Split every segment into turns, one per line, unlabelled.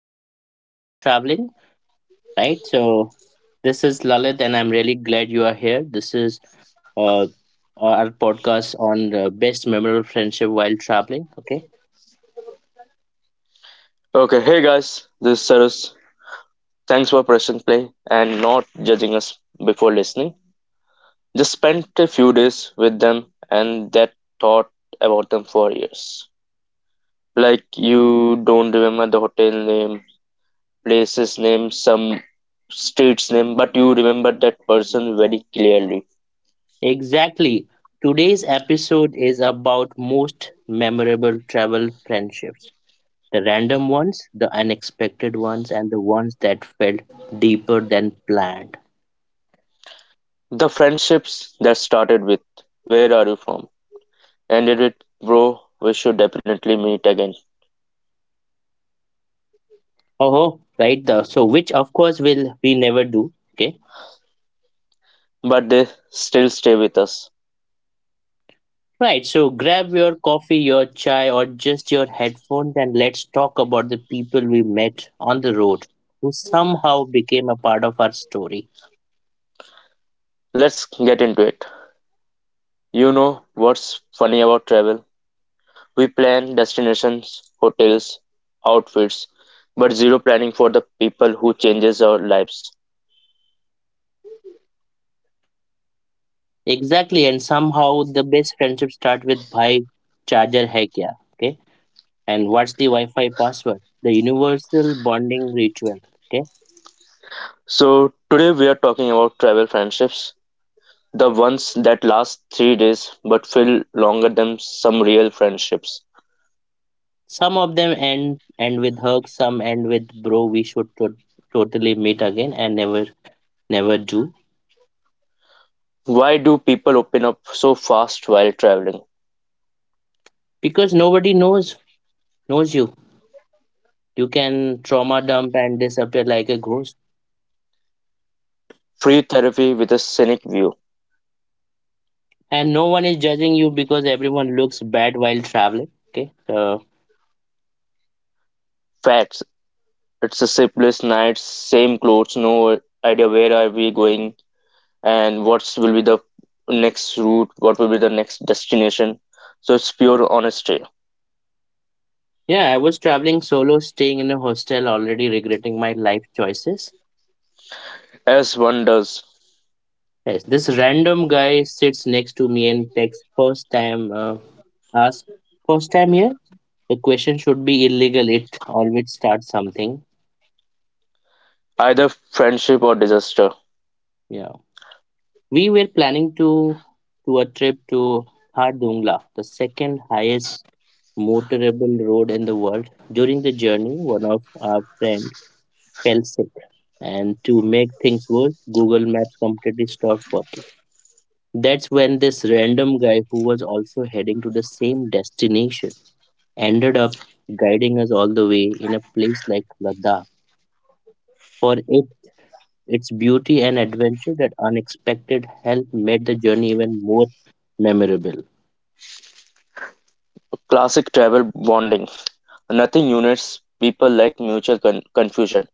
met someone while traveling? Right? So, this is Lalit, and I'm really glad you are here. This is uh, our podcast on the best memorable friendship while traveling. Okay.
Okay, hey guys, this is Cyrus. Thanks for pressing play and not judging us before listening. Just spent a few days with them and that thought about them for years. Like you don't remember the hotel name, places name, some streets name, but you remember that person very clearly.
Exactly. Today's episode is about most memorable travel friendships, the random ones, the unexpected ones, and the ones that felt deeper than planned.
The friendships that started with where are you from? Ended with bro, we should definitely meet again.
Oh, right. So, which of course will we never do? Okay.
But they still stay with us.
Right, so grab your coffee, your chai, or just your headphones, and let's talk about the people we met on the road who somehow became a part of our story.
Let's get into it. You know what's funny about travel? We plan destinations, hotels, outfits, but zero planning for the people who changes our lives.
Exactly, and somehow the best friendships start with bhai charger hai kya, okay? And what's the Wi-Fi password? The universal bonding ritual, okay?
So today we are talking about travel friendships, the ones that last 3 days but feel longer than some real friendships.
Some of them end with hugs, some end with bro, we should totally meet again and never do.
Why do people open up so fast while traveling?
Because nobody knows you. You can trauma dump and disappear like a ghost.
Free therapy with a scenic view.
And no one is judging you because everyone looks bad while traveling. Okay. So,
Facts. It's the simplest nights, same clothes, no idea where are we going, and what's will be the next route, what will be the next destination. So it's pure honesty,
yeah, I was traveling solo, staying in a hostel, already regretting my life choices.
as one does,
Yes, this random guy sits next to me and texts first time, ask, first time here? The question should be illegal. It always starts something.
either friendship or disaster.
Yeah. We were planning to a trip to Khar Dungla, the second highest motorable road in the world. During the journey, one of our friends fell sick, and to make things worse, Google Maps completely stopped working. That's when this random guy, who was also heading to the same destination, ended up guiding us all the way in a place like Ladakh. For it, its beauty and adventure, that unexpected help made the journey even more memorable.
Classic travel bonding. Nothing unites people like mutual confusion.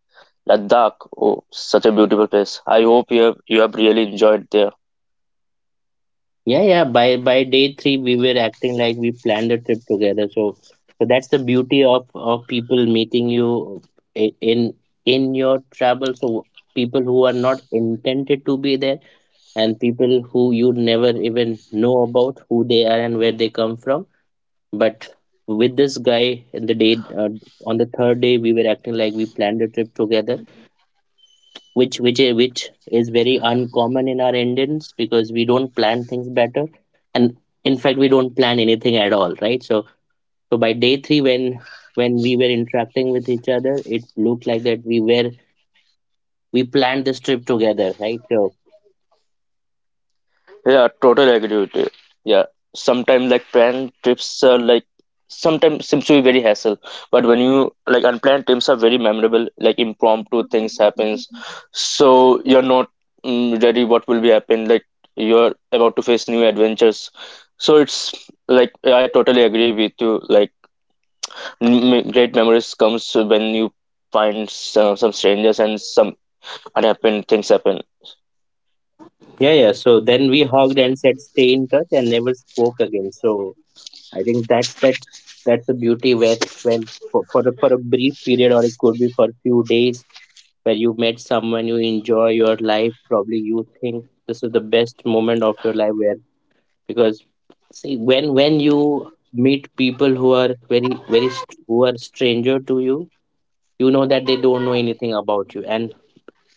Ladakh, oh, such a beautiful place. I hope you have really enjoyed there.
Yeah, yeah. By day three, we were acting like we planned a trip together. So, so that's the beauty of people meeting you i- in in your travel. So people who are not intended to be there, and people who you never even know about, who they are and where they come from. But with this guy in the day on the third day, we were acting like we planned a trip together, which is very uncommon in our Indians because we don't plan things better, and in fact we don't plan anything at all, right? So so by day three when we were interacting with each other, it looked like that we planned this trip together, right? So
Yeah, totally agree with you. Yeah, sometimes like planned trips are like sometimes seems to be very hassle, but when you like unplanned trips are very memorable. Like impromptu things happens, so you're not ready what will be happen. Like you're about to face new adventures, so it's like yeah, I totally agree with you. Like great memories comes when you find some strangers and some unhappy things happen.
yeah, yeah. So then we hugged and said stay in touch and never spoke again. So I think that's the beauty where when for a brief period, or it could be for a few days, where you met someone, you enjoy your life, probably you think this is the best moment of your life, where because see when you meet people who are very who are stranger to you, you know that they don't know anything about you, and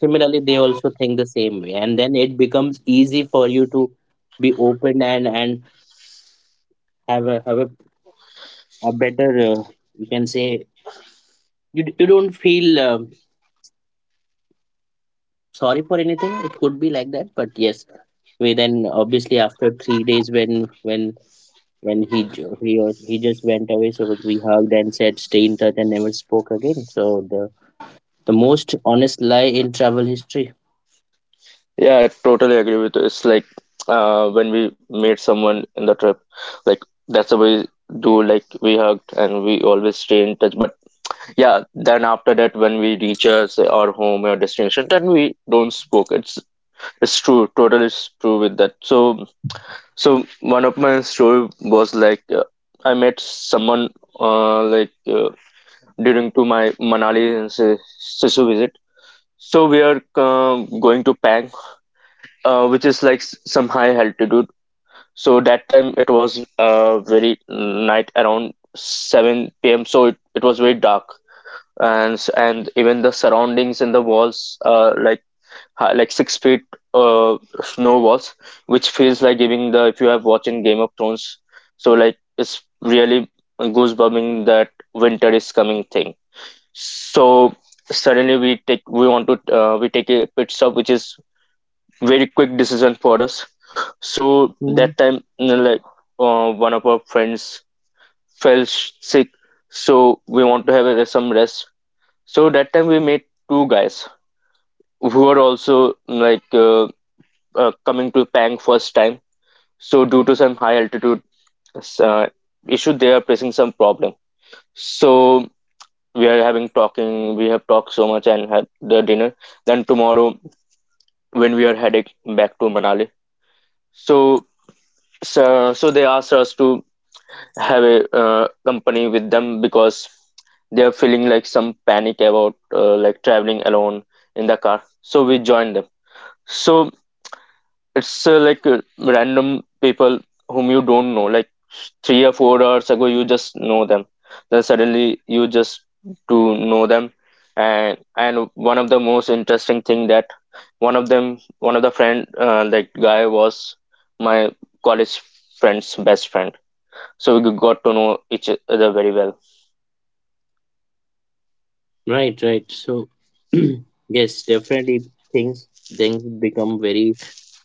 similarly they also think the same way, and then it becomes easy for you to be open and have a a better you can say you, you don't feel sorry for anything, it could be like that, but yes, we then obviously after 3 days when he ju- he was- he just went away, so we hugged and said stay in touch and never spoke again. So the the most honest lie in travel history.
Yeah, I totally agree with you. It's like when we meet someone in the trip, like that's how we do. Like we hugged and we always stay in touch. But yeah, then after that, when we reach us our home or destination, then we don't spoke. It's true, totally it's true with that. So one of my story was like I met someone uh, like uh, during to my Manali Sisu visit. So we are going to Pang which is like some high altitude. So that time it was very night around 7 p.m. So it was very dark, and and even the surroundings and the walls like like 6 feet uh, snow walls, which feels like giving the if you have watching Game of Thrones. So like it's really goosebumming that winter is coming thing. So suddenly we take we want to we take a pit stop, which is very quick decision for us, so
Mhm.
that time, you know, like one of our friends fell sick, so we want to have some rest. So that time we met two guys who are also like coming to Pang first time. So due to some high altitude uh, issue, they are facing some problem. So we are having talking. We have talked so much and had the dinner. Then tomorrow, when we are heading back to Manali, so so they asked us to have a company with them because they are feeling like some panic about like traveling alone in the car, so we join them. So it's random people whom you don't know, like 3 or 4 hours ago you just know them, then suddenly you just to know them. And one of the most interesting thing that one of the friend, that guy was my college friend's best friend, so we got to know each other very well.
Right, right. So yes, definitely things things become very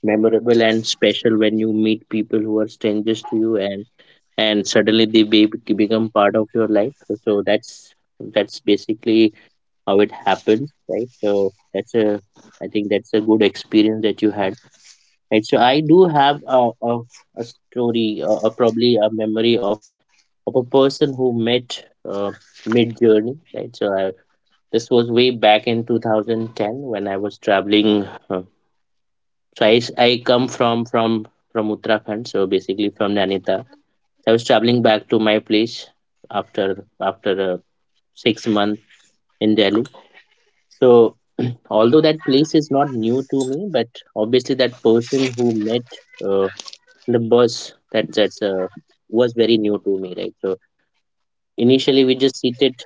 memorable and special when you meet people who are strangers to you, and suddenly they become part of your life. So that's basically how it happens, right? So that's I think that's a good experience that you had, right? So I do have a story, or probably a memory of a person who met mid journey, right? So I, this was way back in 2010 when I was traveling. Uh, so I, I come from from Uttarakhand, so basically from Nainital. So, I was traveling back to my place after 6 months in Delhi. So, although that place is not new to me, but obviously that person who met uh, the bus, that that's was very new to me, right? So initially we just seated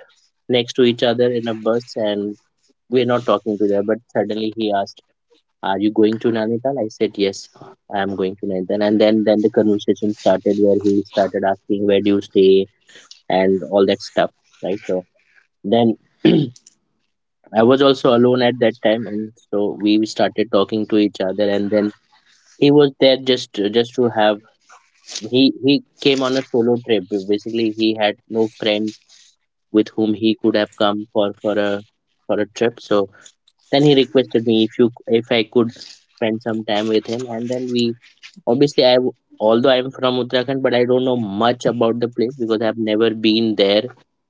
next to each other in a bus, and we're not talking to them. But suddenly he asked, "Are you going to Nainital?" I said, "Yes, I am going to Nainital." And then the conversation started, where he started asking, "Where do you stay?" and all that stuff, right? So then. I was also alone at that time, and so we started talking to each other. And then he was there just to have he came on a solo trip. Basically, he had no friends with whom he could have come for for a trip. So then he requested me if you if I could spend some time with him, and then we obviously although I'm from Uttarakhand, but I don't know much about the place because I've never been there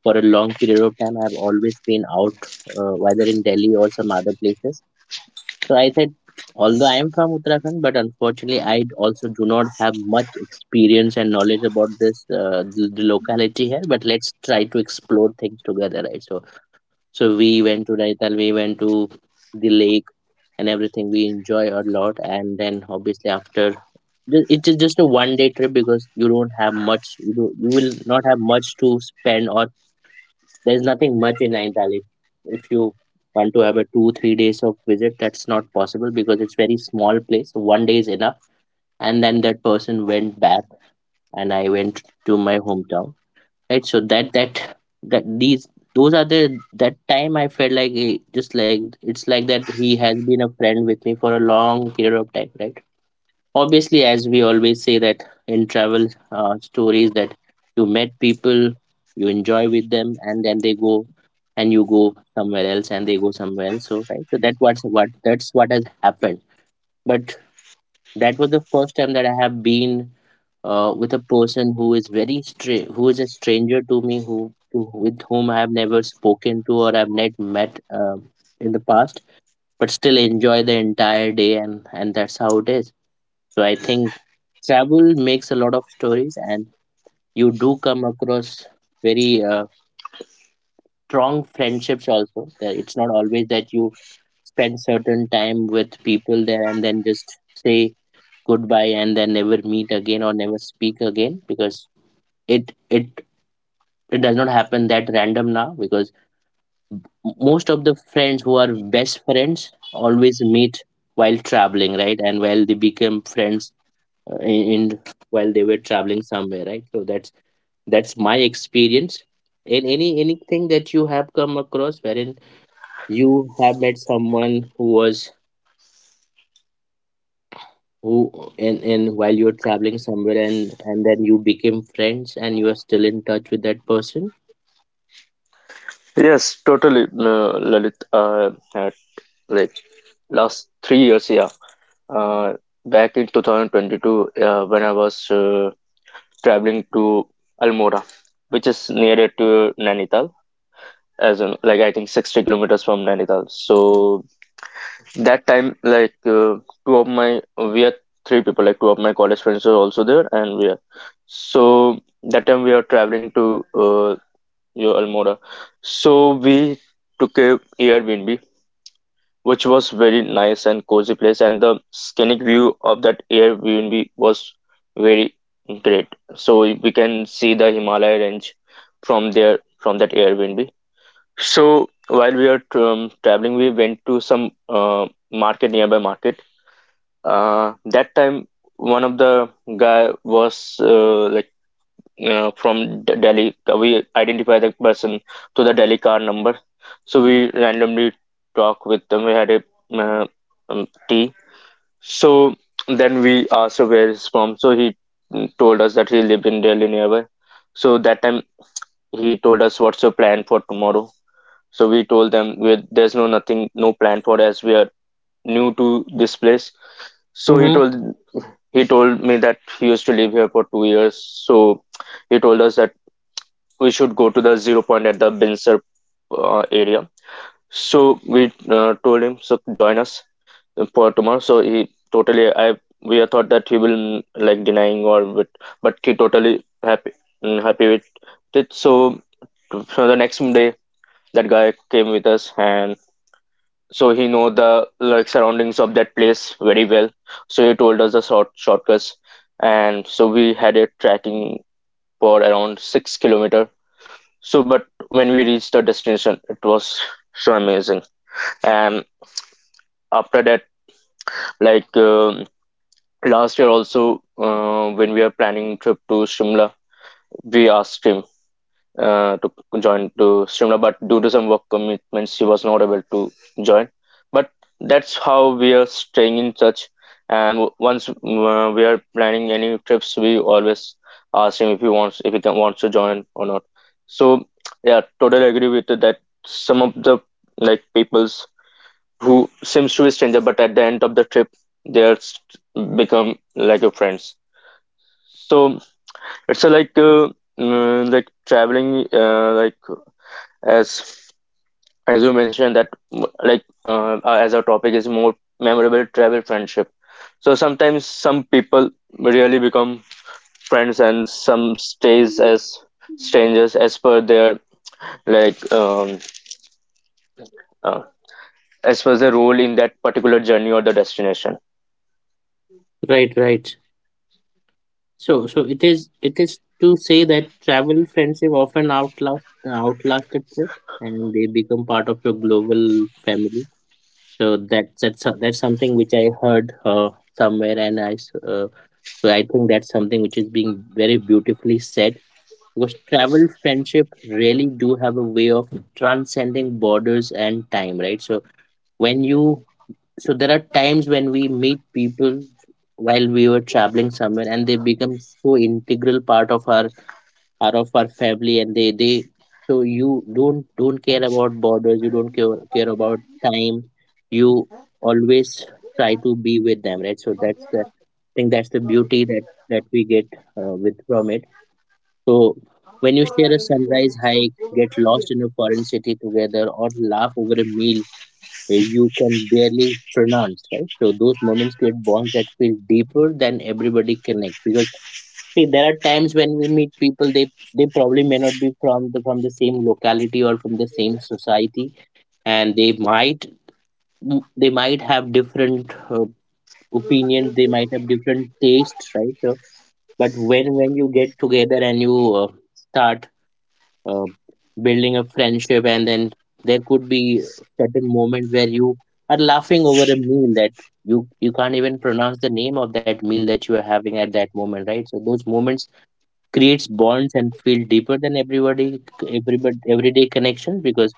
for a long period of time. I've always been out, whether in Delhi or some other places. So I said, although I am from Uttarakhand, but unfortunately, also do not have much experience and knowledge about the locality here. But let's try to explore things together, right? So, so we went to Raital, we went to the lake, and everything. We enjoy a lot, and then obviously after. Just a one day trip because you don't have much. You will not have much to spend, or there's nothing much in Nainital. If you want to have a two, 3 days of visit, that's not possible because it's very small place. So one day is enough. And then that person went back, and I went to my hometown. Right. So that that that these those are the that time I felt like eh, just like it's like that he has been a friend with me for a long period of time, right? Obviously, as we always say that in travel stories, that you met people, you enjoy with them, and then they go and you go somewhere else and they go somewhere else, so right, so that what's what that's what has happened. But that was the first time that I have been with a person who is very stra- who is a stranger to me, who with whom I have never spoken to or I've not met, um, in the past, but still enjoy the entire day. And that's how it is. So I think travel makes a lot of stories, and you do come across very strong friendships also. That it's not always that you spend certain time with people there and then just say goodbye and then never meet again or never speak again, because it it it does not happen that random now, because most of the friends who are best friends always meet while traveling, right? And while they became friends in while they were traveling somewhere, right? So that's my experience. And any anything that you have come across wherein you have met someone who was who in while you're traveling somewhere, and then you became friends, and you are still in touch with that person.
Yes, totally, Lalit. Like last 3 years, yeah. Uh, Back in 2022, when I was traveling to Almora, which is nearer to Nainital, as in, like I think 60 kilometers from Nainital. So that time, like two of my, we are three people, like two of my college friends were also there, and we are. So that time we are traveling to Yo, Almora. So we took a Airbnb, which was very nice and cozy place, and the scenic view of that Airbnb was very great. So we can see the Himalaya range from there, from that Airbnb. So while we are traveling, we went to some market nearby market. That time, one of the guy was from Delhi. We identify the person to the Delhi car number. So we randomly talk with them. We had a uh, tea. So then we asked, so, where he's from. So he told us that he lived in Delhi nearby. So that time he told us, what's your plan for tomorrow? So we told them we there's no nothing, no plan for as we are new to this place. So
Mm-hmm.
he told me that he used to live here for 2 years. So he told us that we should go to the zero point at the Binser area. So we told him, so join us for tomorrow. So he totally, I we thought that he will like denying or but he totally happy, happy with it. So the next day that guy came with us, and so he know the like surroundings of that place very well. So he told us the shortcuts, and so we had a tracking for around 6 kilometer, so but when we reached the destination, it was so amazing. And after that, like last year also, when we were planning trip to Shimla, we asked him to join to Shimla, but due to some work commitments, she was not able to join. But that's how we are staying in touch. And once we are planning any trips, we always ask him if he wants, if he can, wants to join or not. So yeah, totally agree with that. Some of the like peoples who seems to be stranger, but at the end of the trip, they are become like a friends. So it's a like like traveling like as as you mentioned that like as our topic is more memorable travel friendship, so sometimes some people really become friends and some stays as strangers as per their like uh, as per their role in that particular journey or the destination.
Right, right. So so it is, it is to say that travel friendship often outlast a trip, and they become part of your global family. So that's something which I heard somewhere, and so I think that's something which is being very beautifully said, because travel friendship really do have a way of transcending borders and time, right? When you so there are times when we meet people while we were traveling somewhere and they become so integral part of our are of our family and they so you don't care about borders, you don't care about time, you always try to be with them, right? So that's the think that's the beauty that we get with from it. So when you share a sunrise hike, get lost in a foreign city together, or laugh over a meal you can barely pronounce, right? So those moments create bonds that feel deeper than everybody connects, because see, there are times when we meet people, they probably may not be from the same locality or from the same society, and they might have different opinions, they might have different tastes, right? So but when you get together and you uh, start uh, building a friendship, and then there could be certain moment where you are laughing over a meal that you can't even pronounce the name of that meal that you are having at that moment, right? So those moments creates bonds and feel deeper than everybody everybody everyday connection, because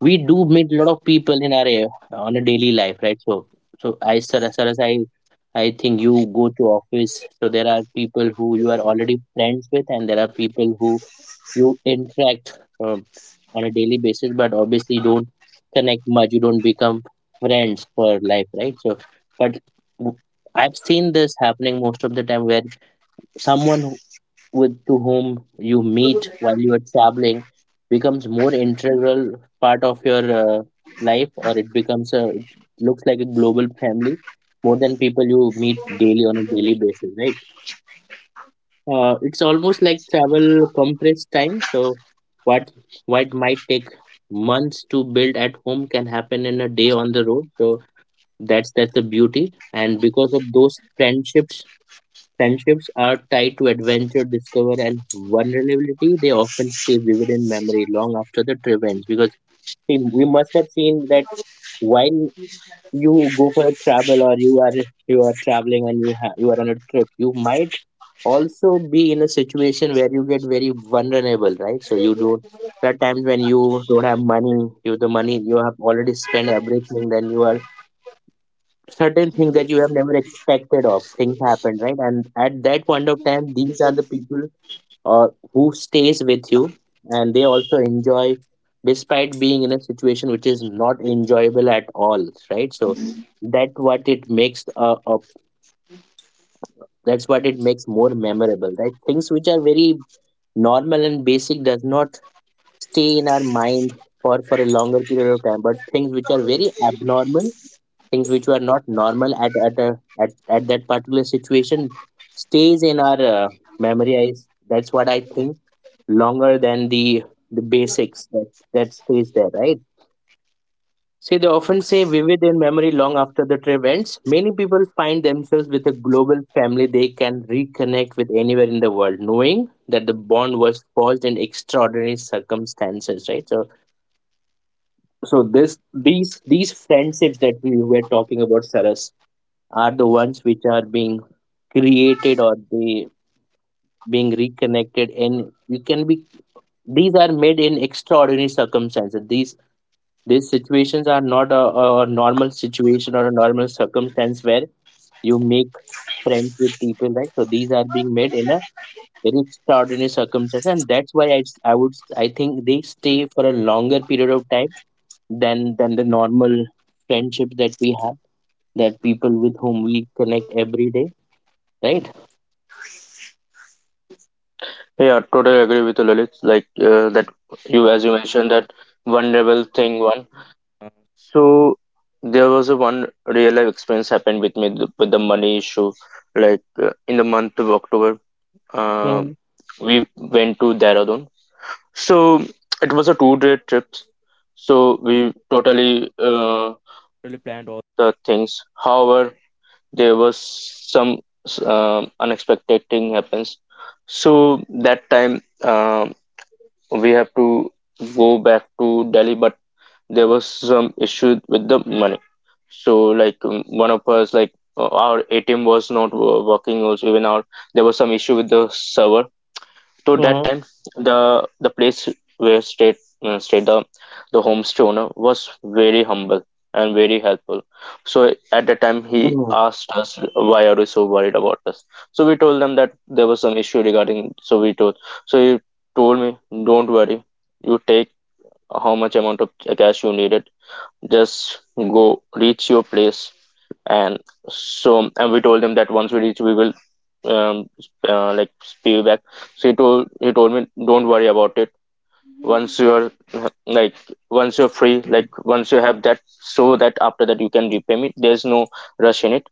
we do meet a lot of people in our on a daily life, right? So so I sir sir as I think you go to office, so there are people who you are already friends with, and there are people who you interact uh, on a daily basis, but obviously you don't connect much, you don't become friends for life, right? So but w- I've seen this happening most of the time where someone with to whom you meet while you are traveling becomes more integral part of your life, or it becomes a, it looks like a global family more than people you meet daily on a daily basis, right? It's almost like travel compressed time. So what what might take months to build at home can happen in a day on the road. So that's the beauty, and because of those friendships, friendships are tied to adventure, discovery, and vulnerability. They often stay vivid in memory long after the trip ends, because see, we must have seen that while you go for a travel, or you are, you are traveling and you you are on a trip, you might also be in a situation where you get very vulnerable, right? So you don't. There are times when you don't have money. You, the money you have already spent everything. Then you are, certain things that you have never expected of, things happen, right? And at that point of time these are the people uh, who stays with you, and they also enjoy despite being in a situation which is not enjoyable at all, right? So that what it makes that's what it makes more memorable, right? Things which are very normal and basic does not stay in our mind for a longer period of time, but things which are very abnormal, things which were not normal at at that particular situation, stays in our memory, I, that's what I think, longer than the basics that stays there, right? See, they often say vivid in memory long after the trip ends. Many people find themselves with a global family they can reconnect with anywhere in the world, knowing that the bond was forged in extraordinary circumstances, right? So, so this these friendships that we were talking about, Sarah, are the ones which are being created, or they being reconnected, and you can be, these are made in extraordinary circumstances. These situations are not a, a normal situation or a normal circumstance where you make friends with people, right? So these are being made in a very extraordinary circumstance, and that's why I would I think they stay for a longer period of time than the normal friendships that we have, that people with whom we connect every day, right?
Yeah, totally agree with you, Lalit. Like that you, as you mentioned that vulnerable thing one. So there was a one real life experience happened with me with the money issue. Like in the month of October, uh, we went to Dehradun. So it was a two-day trip. So we totally the things. However, there was some unexpected thing happens. So that time um we have to go back to Delhi, but there was some issue with the money. So like one of us like our ATM was not working also, even our there was some issue with the server. So that
Mhm.
time the place where stayed uh, stayed the the homestay owner was very humble and very helpful. So at that time he
Mm,
asked us, why are you so worried about us? So we told them that there was some issue regarding, so we told, so he told me, don't worry, you take how much amount of cash you needed, just go reach your place. And so and we told him that once we reach we will um sp- uh, like pay you back. So he told me don't worry about it, once you're like once you're free, like once you have that, so that after that you can repay me, there's no rush in it.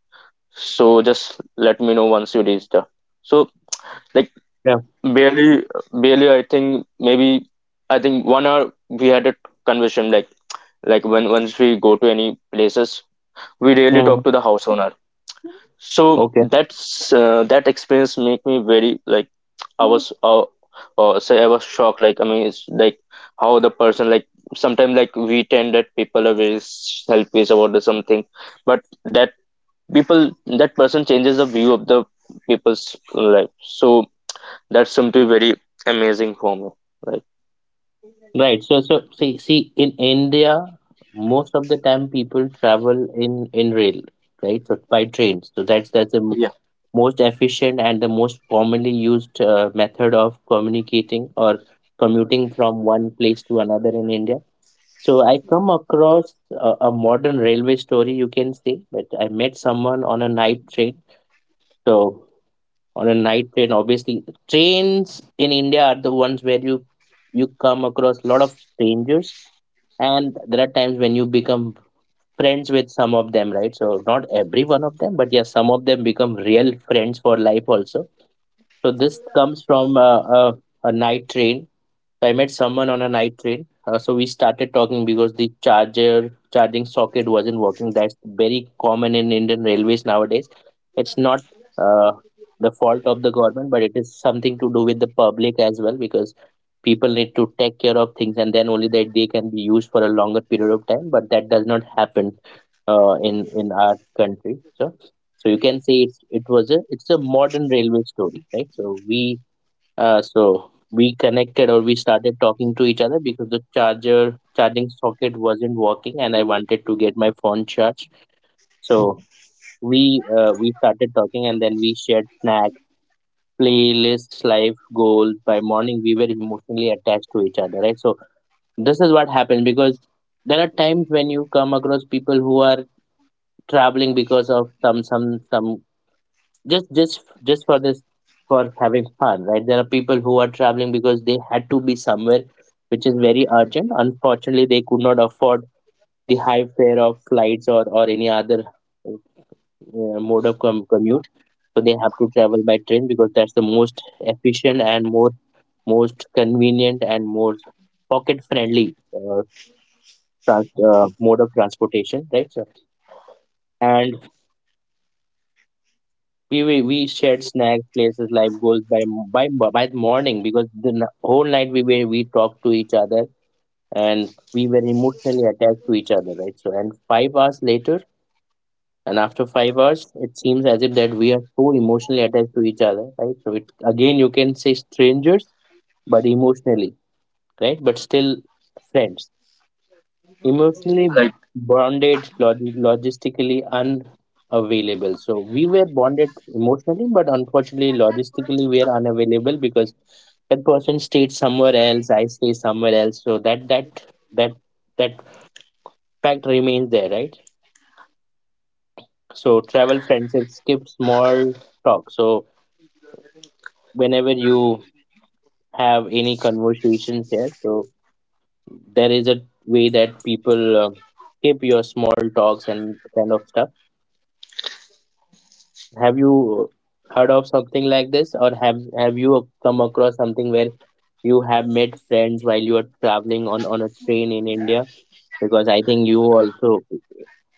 So just let me know once you reach there. So like
yeah.
barely barely I think maybe I think 1 hour we had a conversation, like when once we go to any places we really talk
Mm,
to the house owner. So
okay.
that's that experience make me very like I
Mm.
was say I was shocked. Like I mean it's like how the person, like sometimes like we tend that people are very selfish about the something, but that people that person changes the view of the people's life. So that's something very amazing for me, like
Right. So, so see, see, in India, most of the time people travel in rail, right? So by trains. So that's the
yeah,
most efficient and the most commonly used method of communicating or commuting from one place to another in India. So I come across a modern railway story, you can say, but I met someone on a night train. So on a night train obviously trains in India are the ones where you come across a lot of strangers, and there are times when you become friends with some of them, right? So not every one of them, but yes, some of them become real friends for life also. So this comes from a night train. So I met someone on a night train. So we started talking because the charger charging socket wasn't working. That's very common in Indian railways nowadays. It's not uh, the fault of the government, but it is something to do with the public as well, because people need to take care of things and then only that they can be used for a longer period of time. But that does not happen in our country. So so you can say it's it was a it's a modern railway story, right? So we connected, or we started talking to each other because the charger charging socket wasn't working and I wanted to get my phone charged. So we started talking, and then we shared snacks, playlists, life goals. By morning we were emotionally attached to each other, right? So this is what happened, because there are times when you come across people who are traveling because of some just for this, for having fun, right? There are people who are traveling because they had to be somewhere which is very urgent. Unfortunately, they could not afford the high fare of flights or any other mode of commute. So they have to travel by train because that's the most efficient and more, most convenient and more pocket friendly uh, mode of transportation, right, sir. And we shared snack places, like goals, by by the morning, because the whole night we talked to each other and we were emotionally attached to each other, right? So and 5 hours later, and after 5 hours, it seems as if that we are so emotionally attached to each other, right? So it, again you can say strangers, but emotionally, right? But still friends emotionally
like
bonded, logistically unavailable. So we were bonded emotionally, but unfortunately, logistically, we are unavailable because that person stayed somewhere else, I stay somewhere else. So that that fact remains there, right? So travel friendship skip small talk. So whenever you have any conversations there, so there is a way that people skip your small talks and kind of stuff. Have you heard of something like this, or have you come across something where you have made friends while you are traveling on a train in India? Because I think you also,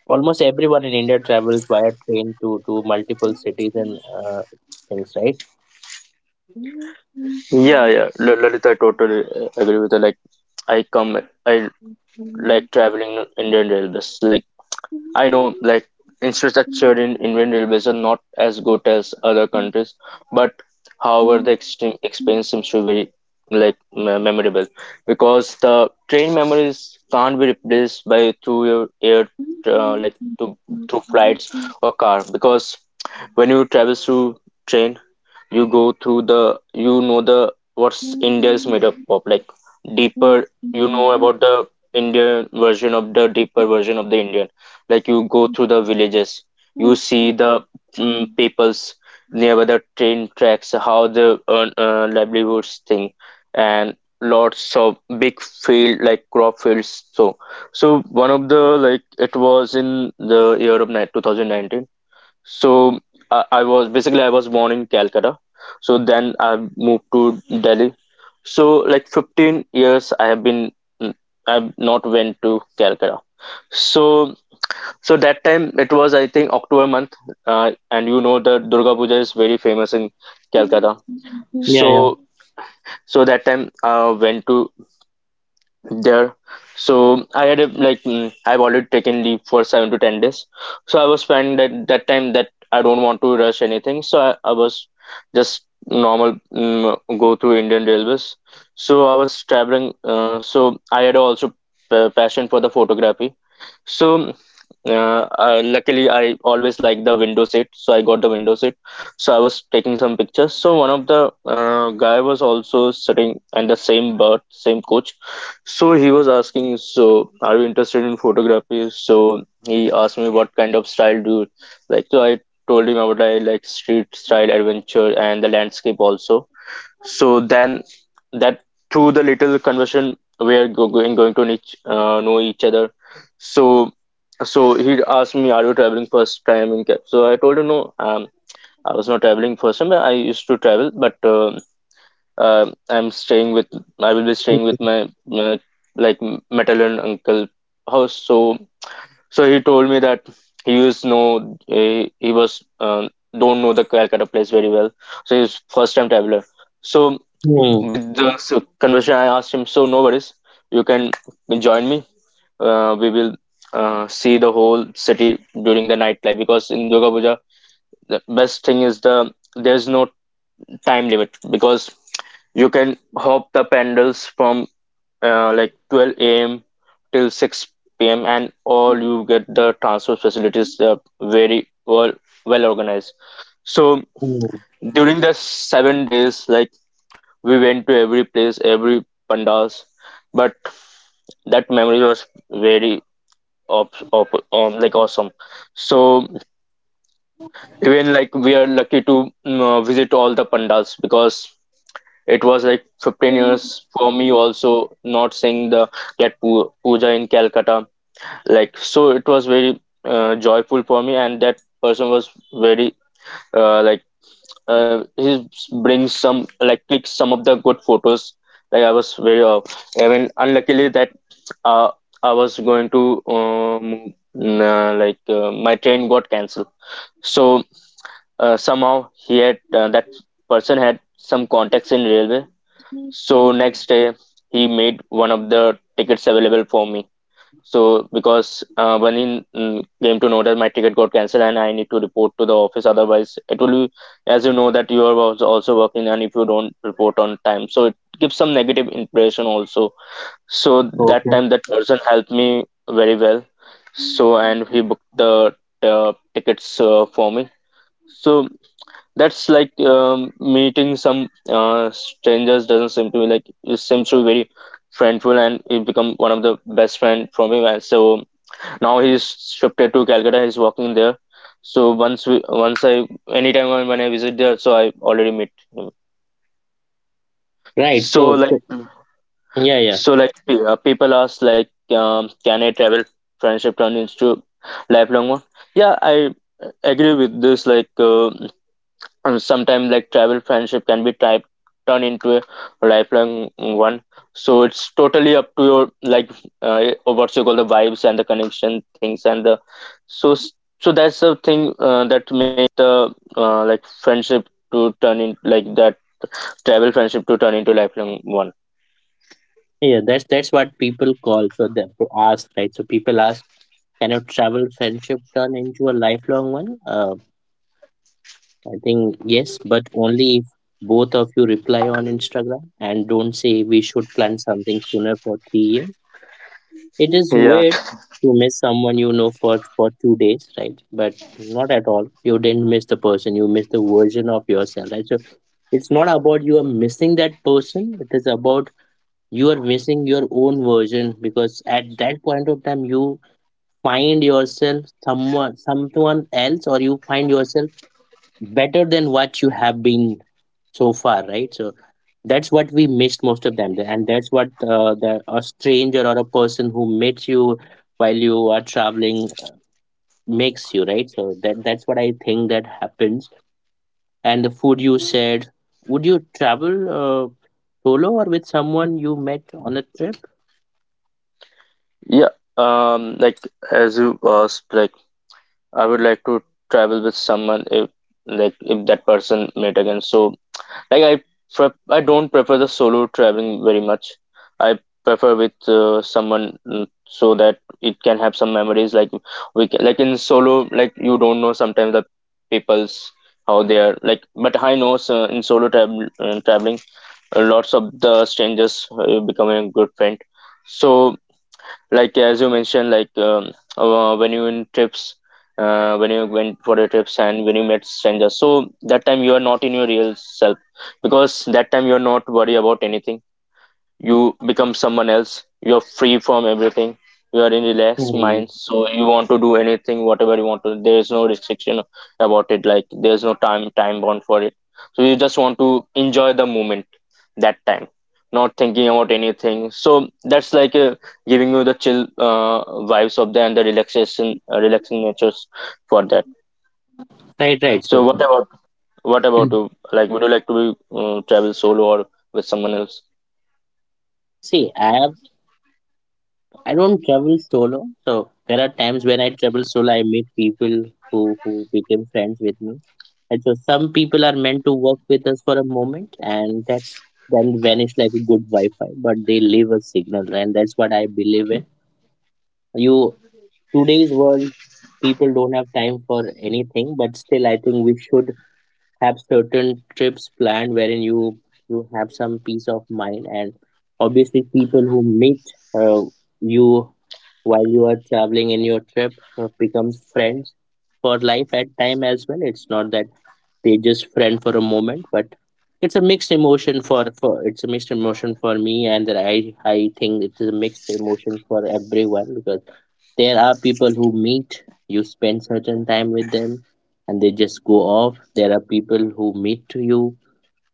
almost everyone in India travels via train to multiple cities and things, right?
yeah, yeah, Lalita, I totally agree with her. Like i come I like traveling Indian railways. Like I know like infrastructure in Indian railways are not as good as other countries, but however the extreme experience seems to be very like memorable because the train memories can't be replaced by through your air like to through flights or car, because when you travel through train you go through the you know the what's India is made up of, like deeper, you know, about the Indian version of the deeper version of the Indian, like you go through the villages, you see the peoples near the train tracks, how the earn livelihoods thing and lots of big field like crop fields. So so one of the like it was in the year of 2019. So I was basically I was born in Calcutta. So then I moved to Delhi. So like 15 years I have been I've not went to Calcutta. So so that time it was I think October month, and you know the Durga Puja is very famous in Calcutta.
Yeah, yeah.
So so that time I went to there. So I had a like I've already taken leave for 7 to 10 days. So I was spending that time, that I don't want to rush anything. So I was just normal go through Indian railways. So I was traveling, so I had also passion for the photography. So luckily, I always like the window seat, so I got the window seat. So I was taking some pictures. So one of the guy was also sitting and the same bird, same coach. So he was asking, "So are you interested in photography?" So he asked me, "What kind of style do you like?" So I told him about I like street style adventure and the landscape also. So then that through the little conversion we are going to each, know each other. So so he asked me, "Are you traveling first time in? Ca-" So I told him, "No, I was not traveling first time. I used to travel, but I'm staying with I will be staying with my uh, like metal and uncle house." So so he told me that he used know he was don't know the Calcutta place very well, so he's first time traveler. So
Hmm.
with the conversation, I asked him, "So no worries, you can join me. We will see the whole city during the nightlife, because in Durga Puja, the best thing is the there's no time limit, because you can hop the pandals from like 12 a.m. till 6 p.m. and all. You get the transport facilities very well well organized. So
Hmm.
during the 7 days, like we went to every place, every pandas, but that memory was very of like awesome. So even like we are lucky to visit all the pandas, because it was like 15 years for me also not seeing the that puja in Calcutta. Like so, it was very joyful for me, and that person was very uh, like he brings some like clicks some of the good photos. Like I was very I mean unluckily that uh, I was going to um, my train got cancelled. So somehow he had that person had some contacts in railway. So next day he made one of the tickets available for me. So because Vanin came to know that my ticket got cancelled and I need to report to the office, otherwise it will be, as you know, that you are also working and if you don't report on time, so it gives some negative impression also. So that
Okay.
time that person helped me very well. So and he booked the tickets for me. So that's like meeting some strangers doesn't seem to be like, it seems to be very friendful, and it become one of the best friend for me. And so now he's shifted to Calcutta, he's working there. So once we once I anytime when I visit there, so I already meet him.
Right.
So
So,
like
so yeah, yeah,
so like people ask like can I travel friendship turn into lifelong one. Yeah, I agree with this, like and sometimes like travel friendship can be type turn into a lifelong one. So it's totally up to your like what you call the vibes and the connection things and the so so that's the thing that make the like friendship to turn in like that, travel friendship to turn into lifelong one.
yeah. That's what people call. So they to ask, right? So people ask, can a travel friendship turn into a lifelong one? I think yes, but only if both of you reply on Instagram and don't say we should plan something sooner for 3 years. It is
Yeah,
weird to miss someone you know for 2 days, right? But not at all. You didn't miss the person. You missed the version of yourself, right? So it's not about you are missing that person. It is about you are missing your own version, because at that point of time you find yourself someone, someone else, or you find yourself better than what you have been so far, right? So that's what we missed most of them, and that's what the a stranger or a person who meets you while you are traveling makes you, right? So that that's what I think that happens. And the food you said, would you travel solo or with someone you met on a trip?
yeah, like as you asked, like I would like to travel with someone if like if that person met again. So like I pref I don't prefer the solo traveling very much. I prefer with someone, so that it can have some memories. Like we can, like in solo, like you don't know sometimes the people's how they are like. But I know so in solo travel traveling, lots of the strangers becoming a good friend. So like as you mentioned, like when you in trips, when you went for the trips and when you met strangers, so that time you are not in your real self, because that time you are not worried about anything, you become someone else, you're free from everything. You are in relaxed
Hmm.
mind, so you want to do anything whatever you want to, there's no restriction about it, like there's no time bound for it. So you just want to enjoy the moment that time, not thinking about anything. So that's like giving you the chill vibes of the and the relaxation, relaxing natures for that.
Right, right.
So
So
what about you, like would you like to be, travel solo or with someone else?
see, I have, I don't travel solo. So there are times when I travel solo, I meet people who became friends with me. And so some people are meant to work with us for a moment, and that's then vanish like a good Wi-Fi, but they leave a signal, and that's what I believe in. You, today's world, people don't have time for anything, but still, I think we should have certain trips planned wherein you, you have some peace of mind, and obviously, people who meet uh, you while you are traveling in your trip becomes friends for life at time as well. It's not that they just friend for a moment, but it's a mixed emotion for me, and that I think it is a mixed emotion for everyone, because there are people who meet you, spend certain time with them, and they just go off. There are people who meet to you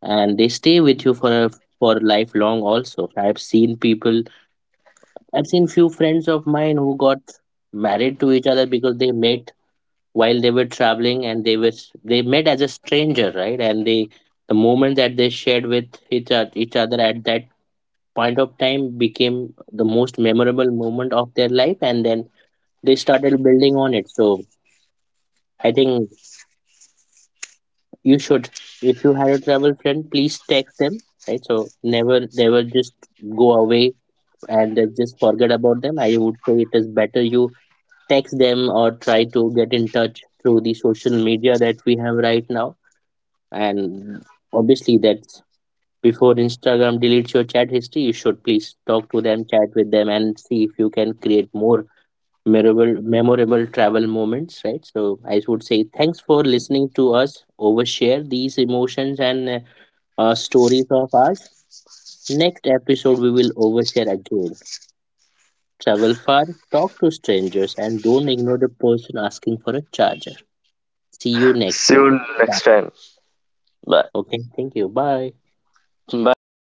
and they stay with you for a for lifelong also. I've seen people, I've seen few friends of mine who got married to each other because they met while they were traveling, and they was they met as a stranger, right? And they, the moment that they shared with each other at that point of time became the most memorable moment of their life, and then they started building on it. So I think you should, if you had a travel friend, please text them, right? So never just go away and then just forget about them. I would say it is better you text them, or try to get in touch through the social media that we have right now. And obviously, that's before Instagram deletes your chat history, you should please talk to them, chat with them, and see if you can create more memorable travel moments, right? So I would say thanks for listening to us overshare these emotions and stories of ours. Next episode we will overshare again. Travel far, talk to strangers, and don't ignore the person asking for a charger. See you next
See
time.
you
Bye.
next time. Bye.
Okay, thank you, bye.
Bye लगे।